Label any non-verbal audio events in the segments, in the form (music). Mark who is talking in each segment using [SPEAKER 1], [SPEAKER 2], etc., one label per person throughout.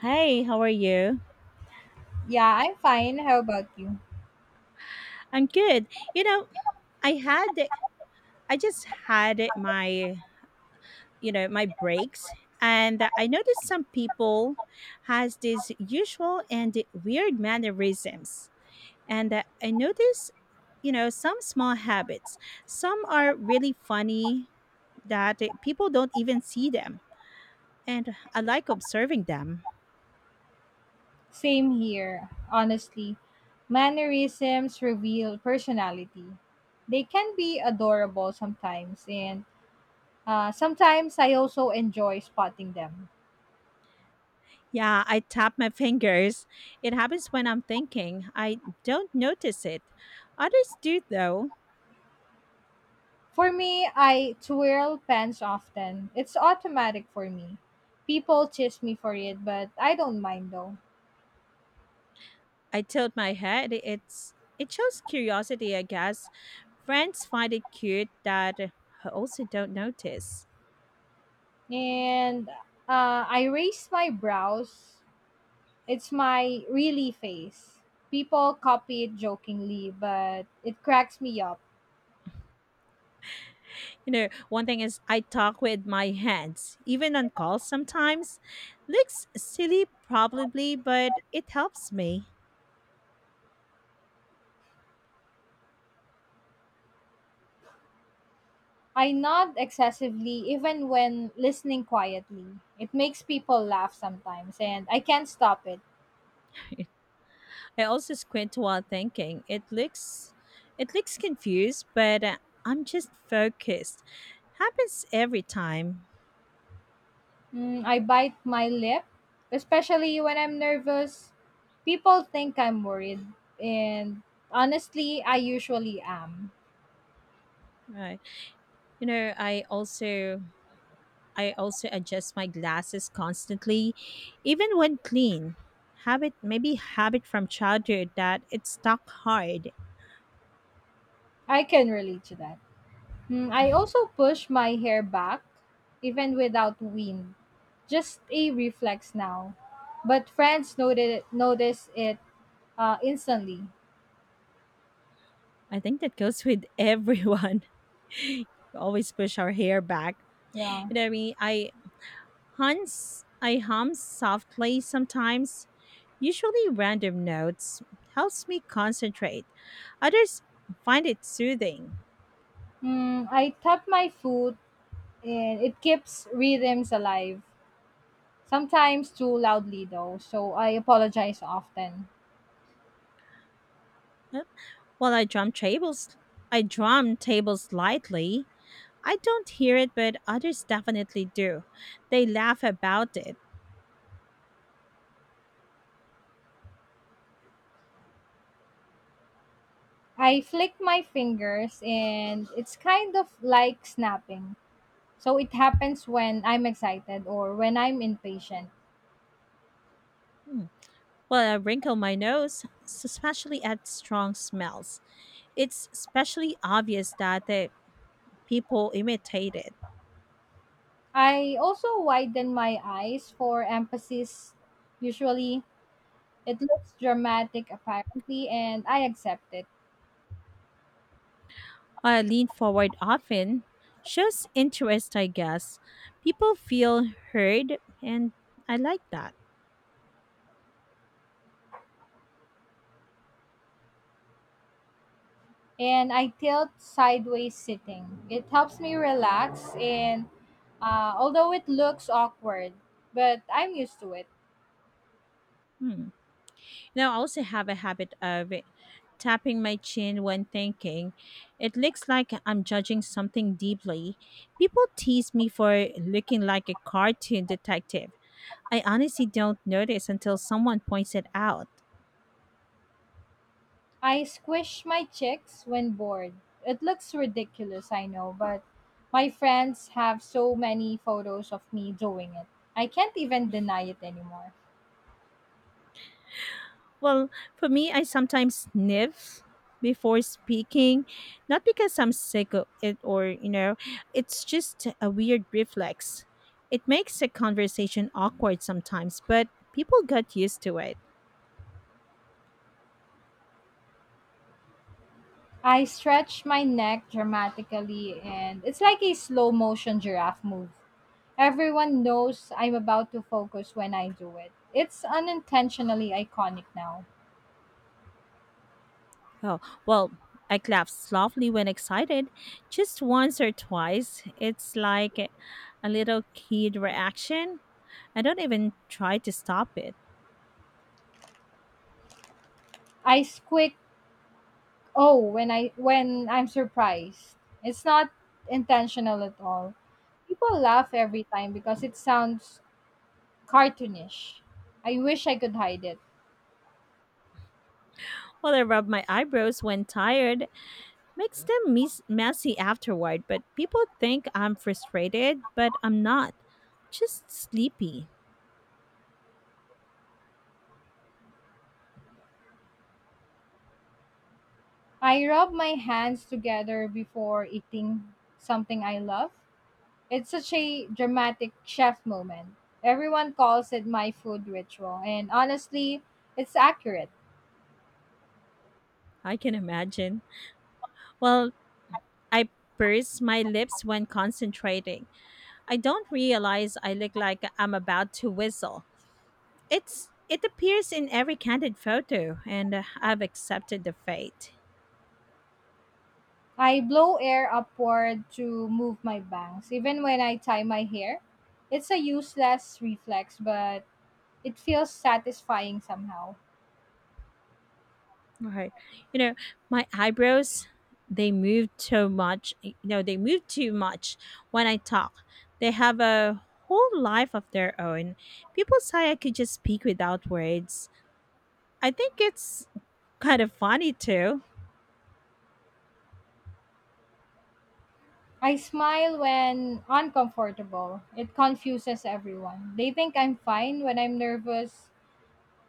[SPEAKER 1] Hey, how are you?
[SPEAKER 2] Yeah, I'm fine. How about you?
[SPEAKER 1] I'm good. You know, I had I just had my, my breaks, and I noticed some people has these usual and weird mannerisms. And I noticed, some small habits. Some are really funny that people don't even see them, and I like observing them.
[SPEAKER 2] Same here, honestly. Mannerisms reveal personality. They can be adorable sometimes, and sometimes I also enjoy spotting them.
[SPEAKER 1] Yeah, I tap my (laughs) fingers. It happens when I'm thinking. I don't notice it. Others do, though.
[SPEAKER 2] For me, I twirl pens often. It's automatic for me. People chase me for it, but I don't mind though.
[SPEAKER 1] I tilt my head. It shows curiosity, I guess. Friends find it cute that I also don't notice.
[SPEAKER 2] And I raise my brows. It's my really face. People copy it jokingly, but it cracks me up.
[SPEAKER 1] You know, one thing is I talk with my hands, even on calls sometimes. Looks silly probably, but it helps me.
[SPEAKER 2] I nod excessively even when listening quietly. It makes people laugh sometimes, and I can't stop it.
[SPEAKER 1] I also squint while thinking. It looks confused, but I'm just focused. Happens every time.
[SPEAKER 2] Mm, I bite my lip, especially when I'm nervous. People think I'm worried, and honestly, I usually am.
[SPEAKER 1] Right. You know, I also adjust my glasses constantly even when clean. Habit maybe habit from childhood that it's stuck hard.
[SPEAKER 2] I can relate to that. Mm, I also push my hair back, even without wind. Just a reflex now. But friends noted, notice it instantly.
[SPEAKER 1] I think that goes with everyone. (laughs) We always push our hair back.
[SPEAKER 2] Yeah.
[SPEAKER 1] You know what I mean? I hum softly sometimes. Usually random notes helps me concentrate. Others find it soothing.
[SPEAKER 2] Mm, I tap my foot and it keeps rhythms alive. Sometimes too loudly though, so I apologize often.
[SPEAKER 1] While I drum tables lightly. I don't hear it, but others definitely do. They laugh about it.
[SPEAKER 2] I flick my fingers and it's kind of like snapping. So it happens when I'm excited or when I'm impatient.
[SPEAKER 1] Hmm. Well, I wrinkle my nose, especially at strong smells. It's especially obvious that the people imitate it.
[SPEAKER 2] I also widen my eyes for emphasis. Usually, it looks dramatic apparently, and I accept it.
[SPEAKER 1] I lean forward often, shows interest, I guess. People feel heard, and I like that.
[SPEAKER 2] And I tilt sideways sitting. It helps me relax, and although it looks awkward, but I'm used to it.
[SPEAKER 1] Hmm. Now, I also have a habit of tapping my chin when thinking. It looks like I'm judging something deeply. People tease me for looking like a cartoon detective. I honestly don't notice until someone points it out.
[SPEAKER 2] I squish my cheeks when bored. It looks ridiculous, I know, but my friends have so many photos of me doing it. I can't even deny it anymore.
[SPEAKER 1] Well, for me, I sometimes sniff before speaking, not because I'm sick of it, or, it's just a weird reflex. It makes a conversation awkward sometimes, but people got used to it.
[SPEAKER 2] I stretch my neck dramatically, and it's like a slow motion giraffe move. Everyone knows I'm about to focus when I do it. It's unintentionally iconic now.
[SPEAKER 1] Oh, well, I clap softly when excited, just once or twice. It's like a little kid reaction. I don't even try to stop it.
[SPEAKER 2] I squeak oh when I'm surprised. It's not intentional at all. People laugh every time because it sounds cartoonish. I wish I could hide it.
[SPEAKER 1] Well, I rub my eyebrows when tired, makes them messy afterward. But people think I'm frustrated, but I'm not. Just sleepy.
[SPEAKER 2] I rub my hands together before eating something I love. It's such a dramatic chef moment. Everyone calls it my food ritual, and honestly, it's accurate.
[SPEAKER 1] I can imagine. Well, I purse my lips when concentrating. I don't realize I look like I'm about to whistle. It appears in every candid photo, and I've accepted the fate.
[SPEAKER 2] I blow air upward to move my bangs. Even when I tie my hair, it's a useless reflex, but it feels satisfying somehow.
[SPEAKER 1] Right, you know, my eyebrows, they move too much. You know, they move too much when I talk. They have a whole life of their own. People say I could just speak without words. I think it's kind of funny too.
[SPEAKER 2] I smile when uncomfortable. It confuses everyone. They think I'm fine when I'm nervous,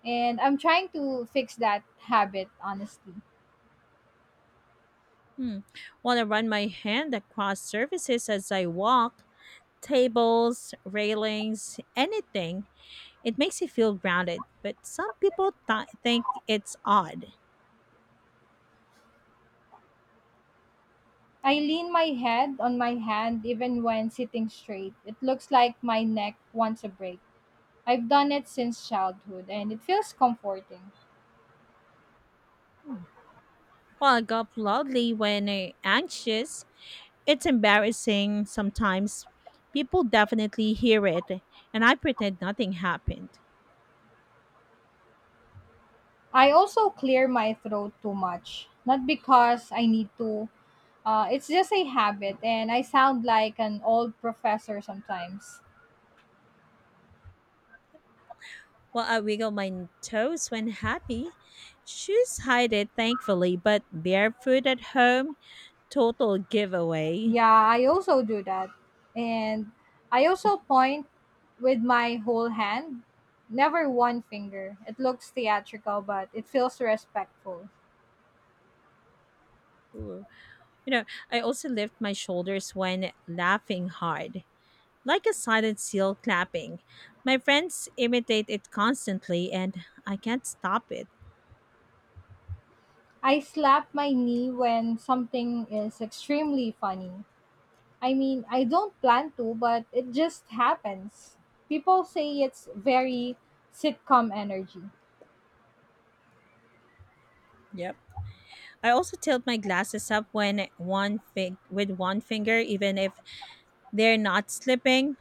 [SPEAKER 2] and I'm trying to fix that habit, honestly.
[SPEAKER 1] Hmm. Want to run my hand across surfaces as I walk, tables, railings, anything. It makes you feel grounded, but some people think it's odd.
[SPEAKER 2] I lean my head on my hand even when sitting straight. It looks like my neck wants a break. I've done it since childhood and it feels comforting.
[SPEAKER 1] Hmm. Well, I gulp loudly when anxious. It's embarrassing sometimes. People definitely hear it, and I pretend nothing happened.
[SPEAKER 2] I also clear my throat too much, not because I need to. It's just a habit and I sound like an old professor sometimes.
[SPEAKER 1] Well, I wiggle my toes when happy. Shoes hide it, thankfully, but barefoot at home, total giveaway.
[SPEAKER 2] Yeah, I also do that. And I also point with my whole hand, never one finger. It looks theatrical, but it feels respectful.
[SPEAKER 1] Ooh. You know, I also lift my shoulders when laughing hard, like a silent seal clapping. My friends imitate it constantly, and I can't stop it.
[SPEAKER 2] I slap my knee when something is extremely funny. I mean, I don't plan to, but it just happens. People say it's very sitcom energy.
[SPEAKER 1] Yep. I also tilt my glasses up when with one finger, even if they're not slipping.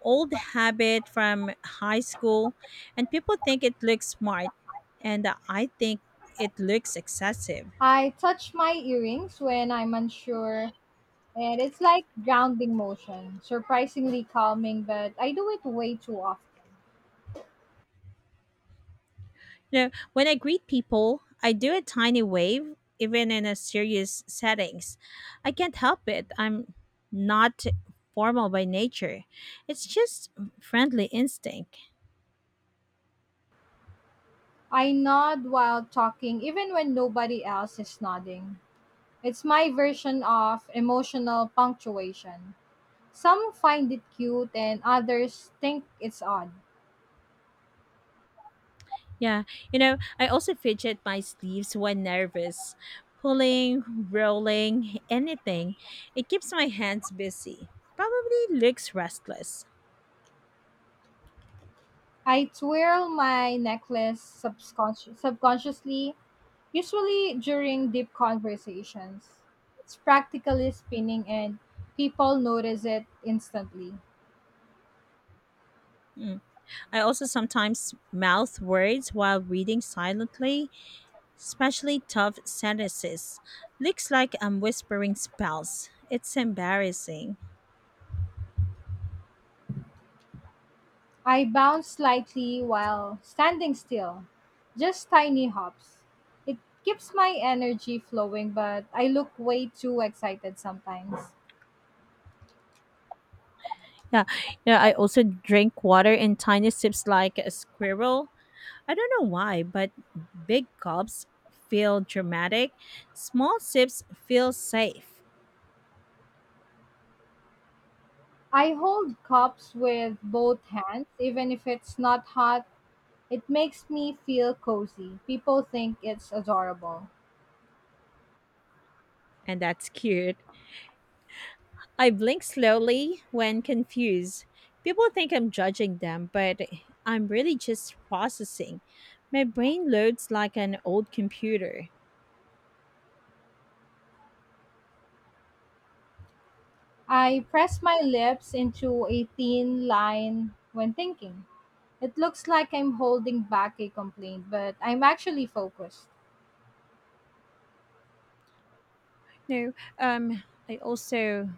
[SPEAKER 1] Old habit from high school, and people think it looks smart, and I think it looks excessive.
[SPEAKER 2] I touch my earrings when I'm unsure, and it's like grounding motion, surprisingly calming, but I do it way too often.
[SPEAKER 1] You know, when I greet people, I do a tiny wave, even in a serious settings. I can't help it. I'm not formal by nature. It's just friendly instinct.
[SPEAKER 2] I nod while talking, even when nobody else is nodding. It's my version of emotional punctuation. Some find it cute and others think it's odd.
[SPEAKER 1] Yeah, you know, I also fidget my sleeves when nervous. Pulling, rolling, anything. It keeps my hands busy. Probably looks restless.
[SPEAKER 2] I twirl my necklace subconsciously, usually during deep conversations. It's practically spinning and people notice it instantly.
[SPEAKER 1] Mm. I also sometimes mouth words while reading silently, especially tough sentences. Looks like I'm whispering spells. It's embarrassing.
[SPEAKER 2] I bounce slightly while standing still, just tiny hops. It keeps my energy flowing, but I look way too excited sometimes.
[SPEAKER 1] Yeah, you know, I also drink water in tiny sips like a squirrel. I don't know why, but big gulps feel dramatic, small sips feel safe,
[SPEAKER 2] I hold cups with both hands, even if it's not hot. It makes me feel cozy. People think it's adorable.
[SPEAKER 1] and that's cute. I blink slowly when confused. People think I'm judging them, but I'm really just processing. My brain loads like an old computer.
[SPEAKER 2] I press my lips into a thin line when thinking. It looks like I'm holding back a complaint, but I'm actually focused.
[SPEAKER 1] No, um, I also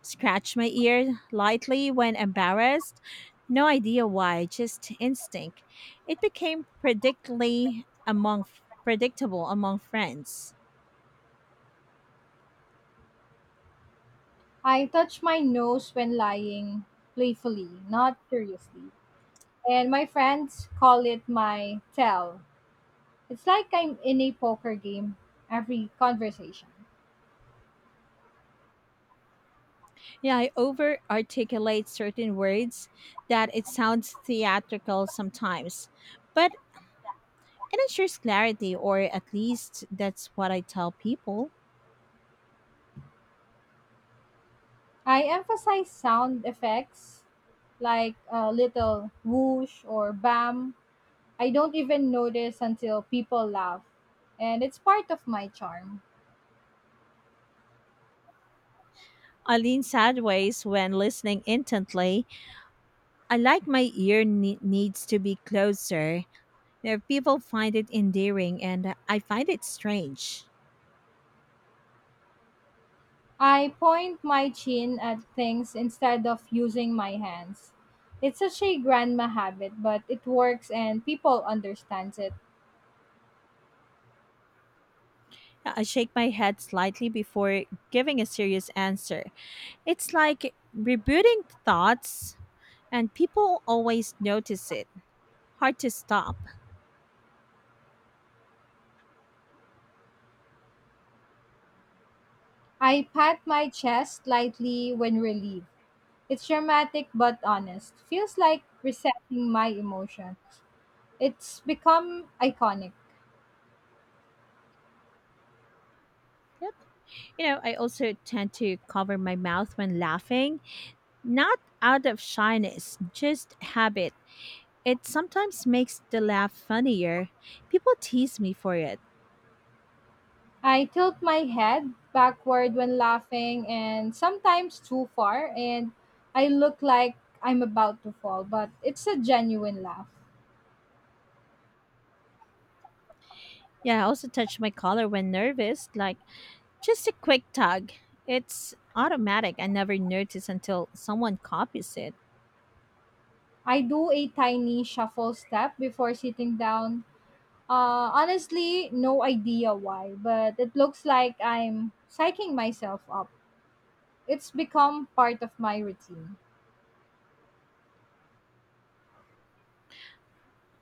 [SPEAKER 1] scratch my ear lightly when embarrassed. No idea why, just instinct. It became predictably among predictable among friends.
[SPEAKER 2] I touch my nose when lying playfully, not seriously. And my friends call it my tell. It's like I'm in a poker game every conversation.
[SPEAKER 1] Yeah, I over articulate certain words that it sounds theatrical sometimes, but it ensures clarity, or at least that's what I tell people.
[SPEAKER 2] I emphasize sound effects like a little whoosh or bam. I don't even notice until people laugh, and it's part of my charm.
[SPEAKER 1] I lean sideways when listening intently. I like my ear needs to be closer. You know, people find it endearing, and I find it strange.
[SPEAKER 2] I point my chin at things instead of using my hands. It's such a grandma habit, but it works and people understands it.
[SPEAKER 1] Yeah, I shake my head slightly before giving a serious answer. It's like rebooting thoughts, and people always notice it. Hard to stop.
[SPEAKER 2] I pat my chest lightly when relieved. It's dramatic but honest. Feels like resetting my emotions. It's become iconic.
[SPEAKER 1] Yep. You know, I also tend to cover my mouth when laughing, not out of shyness, just habit. It sometimes makes the laugh funnier. People tease me for it.
[SPEAKER 2] I tilt my head backward when laughing and sometimes too far, and I look like I'm about to fall, but it's a genuine laugh.
[SPEAKER 1] Yeah, I also touch my collar when nervous, like just a quick tug. It's automatic. I never notice until someone copies it.
[SPEAKER 2] I do a tiny shuffle step before sitting down. Honestly, no idea why, but it looks like I'm psyching myself up. It's become part of my routine.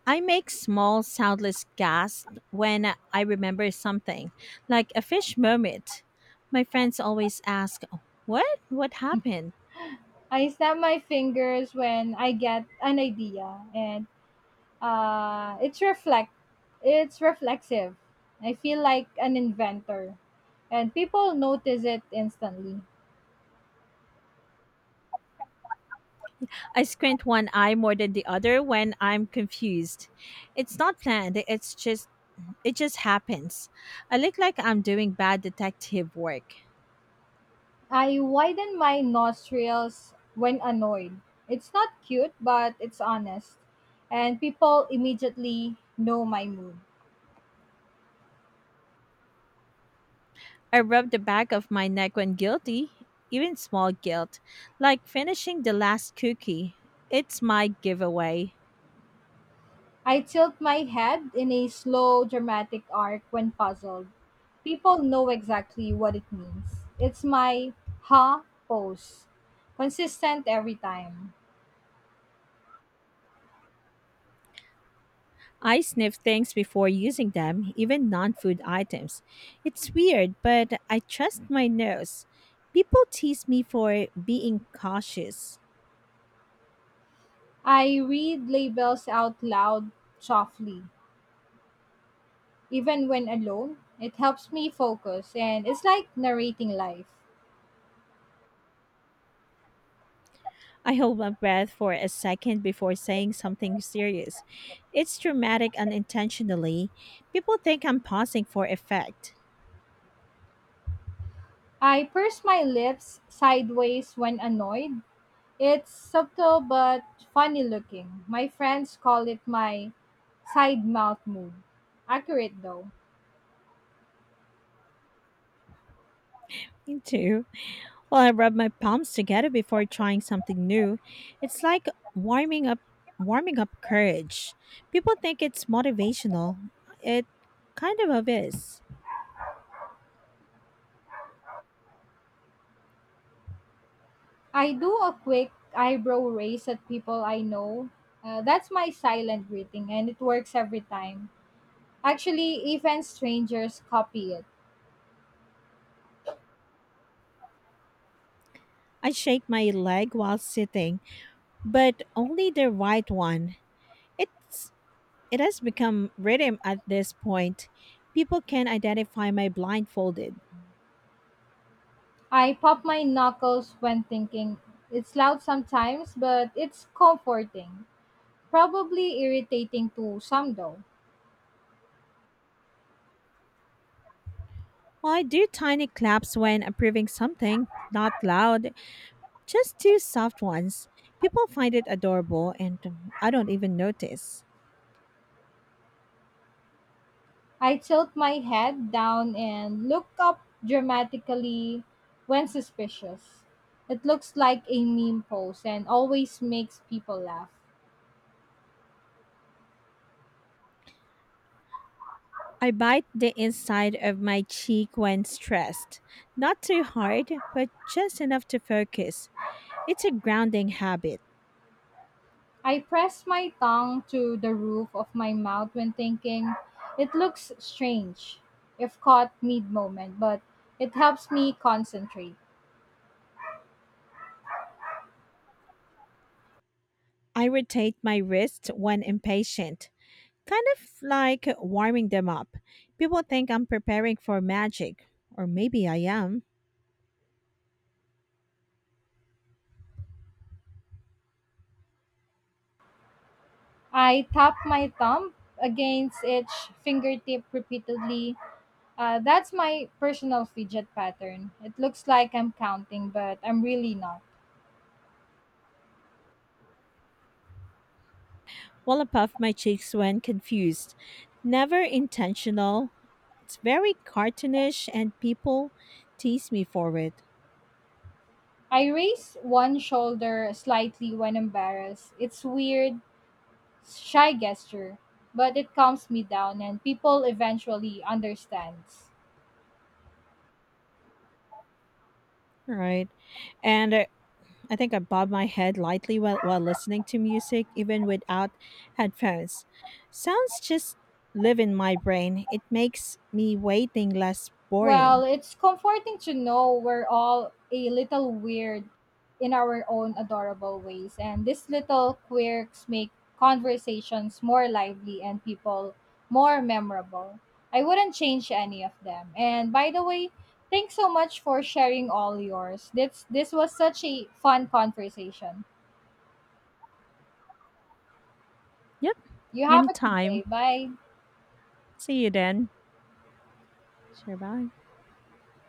[SPEAKER 1] I make small soundless gasps when I remember something, like a fish moment. My friends always ask, "What? What happened?"
[SPEAKER 2] I snap my fingers when I get an idea, and it's reflect. It's reflexive. I feel like an inventor, and people notice it instantly.
[SPEAKER 1] I squint one eye more than the other when I'm confused. It's not planned, it's just happens. I look like I'm doing bad detective work.
[SPEAKER 2] I widen my nostrils when annoyed. It's not cute, but it's honest, and people immediately know my mood.
[SPEAKER 1] I rub the back of my neck when guilty, even small guilt, like finishing the last cookie. It's my giveaway.
[SPEAKER 2] I tilt my head in a slow, dramatic arc when puzzled. People know exactly what it means. It's my ha pose, consistent every time.
[SPEAKER 1] I sniff things before using them, even non food items. It's weird, but I trust my nose. People tease me for being cautious.
[SPEAKER 2] I read labels out loud softly, even when alone. It helps me focus and it's like narrating life.
[SPEAKER 1] I hold my breath for a second before saying something serious. It's dramatic unintentionally. People think I'm pausing for effect.
[SPEAKER 2] I purse my lips sideways when annoyed. It's subtle but funny looking. My friends call it my side mouth move. Accurate though.
[SPEAKER 1] Me too. Well, I rub my palms together before trying something new. It's like warming up warming up courage. People think it's motivational. It kind of is.
[SPEAKER 2] I do a quick eyebrow raise at people I know. That's my silent greeting and it works every time. Actually, even strangers copy it.
[SPEAKER 1] I shake my leg while sitting, but only the right one. It's it has become rhythm at this point. People can identify my blindfolded.
[SPEAKER 2] I pop my knuckles when thinking. It's loud sometimes, but it's comforting. Probably irritating to some though.
[SPEAKER 1] Well, I do tiny claps when approving something, not loud. Just two soft ones. People find it adorable, and I don't even notice.
[SPEAKER 2] I tilt my head down and look up dramatically when suspicious. It looks like a meme pose and always makes people laugh.
[SPEAKER 1] I bite the inside of my cheek when stressed. Not too hard, but just enough to focus. It's a grounding habit.
[SPEAKER 2] I press my tongue to the roof of my mouth when thinking. It looks strange if caught mid moment, but it helps me concentrate.
[SPEAKER 1] I rotate my wrists when impatient, kind of like warming them up. People think I'm preparing for magic, or maybe I am.
[SPEAKER 2] I tap my thumb against each fingertip repeatedly. That's my personal fidget pattern. It looks like I'm counting, but I'm really not.
[SPEAKER 1] While I puff my cheeks when confused. Never intentional. It's very cartoonish, and people tease me for it.
[SPEAKER 2] I raise one shoulder slightly when embarrassed. It's weird, shy gesture, but it calms me down and people eventually understands.
[SPEAKER 1] Right. And I think I bob my head lightly while listening to music, even without headphones. Sounds just live in my brain. It makes me waiting less
[SPEAKER 2] Well,
[SPEAKER 1] boring.
[SPEAKER 2] it's comforting to know we're all a little weird in our own adorable ways, and these little quirks make conversations more lively and people more memorable. I wouldn't change any of them. And by the way, thanks so much for sharing all yours. This was such a fun conversation.
[SPEAKER 1] Yep.
[SPEAKER 2] You have a good day.
[SPEAKER 1] Anytime.
[SPEAKER 2] Bye.
[SPEAKER 1] See you then. Sure. Bye.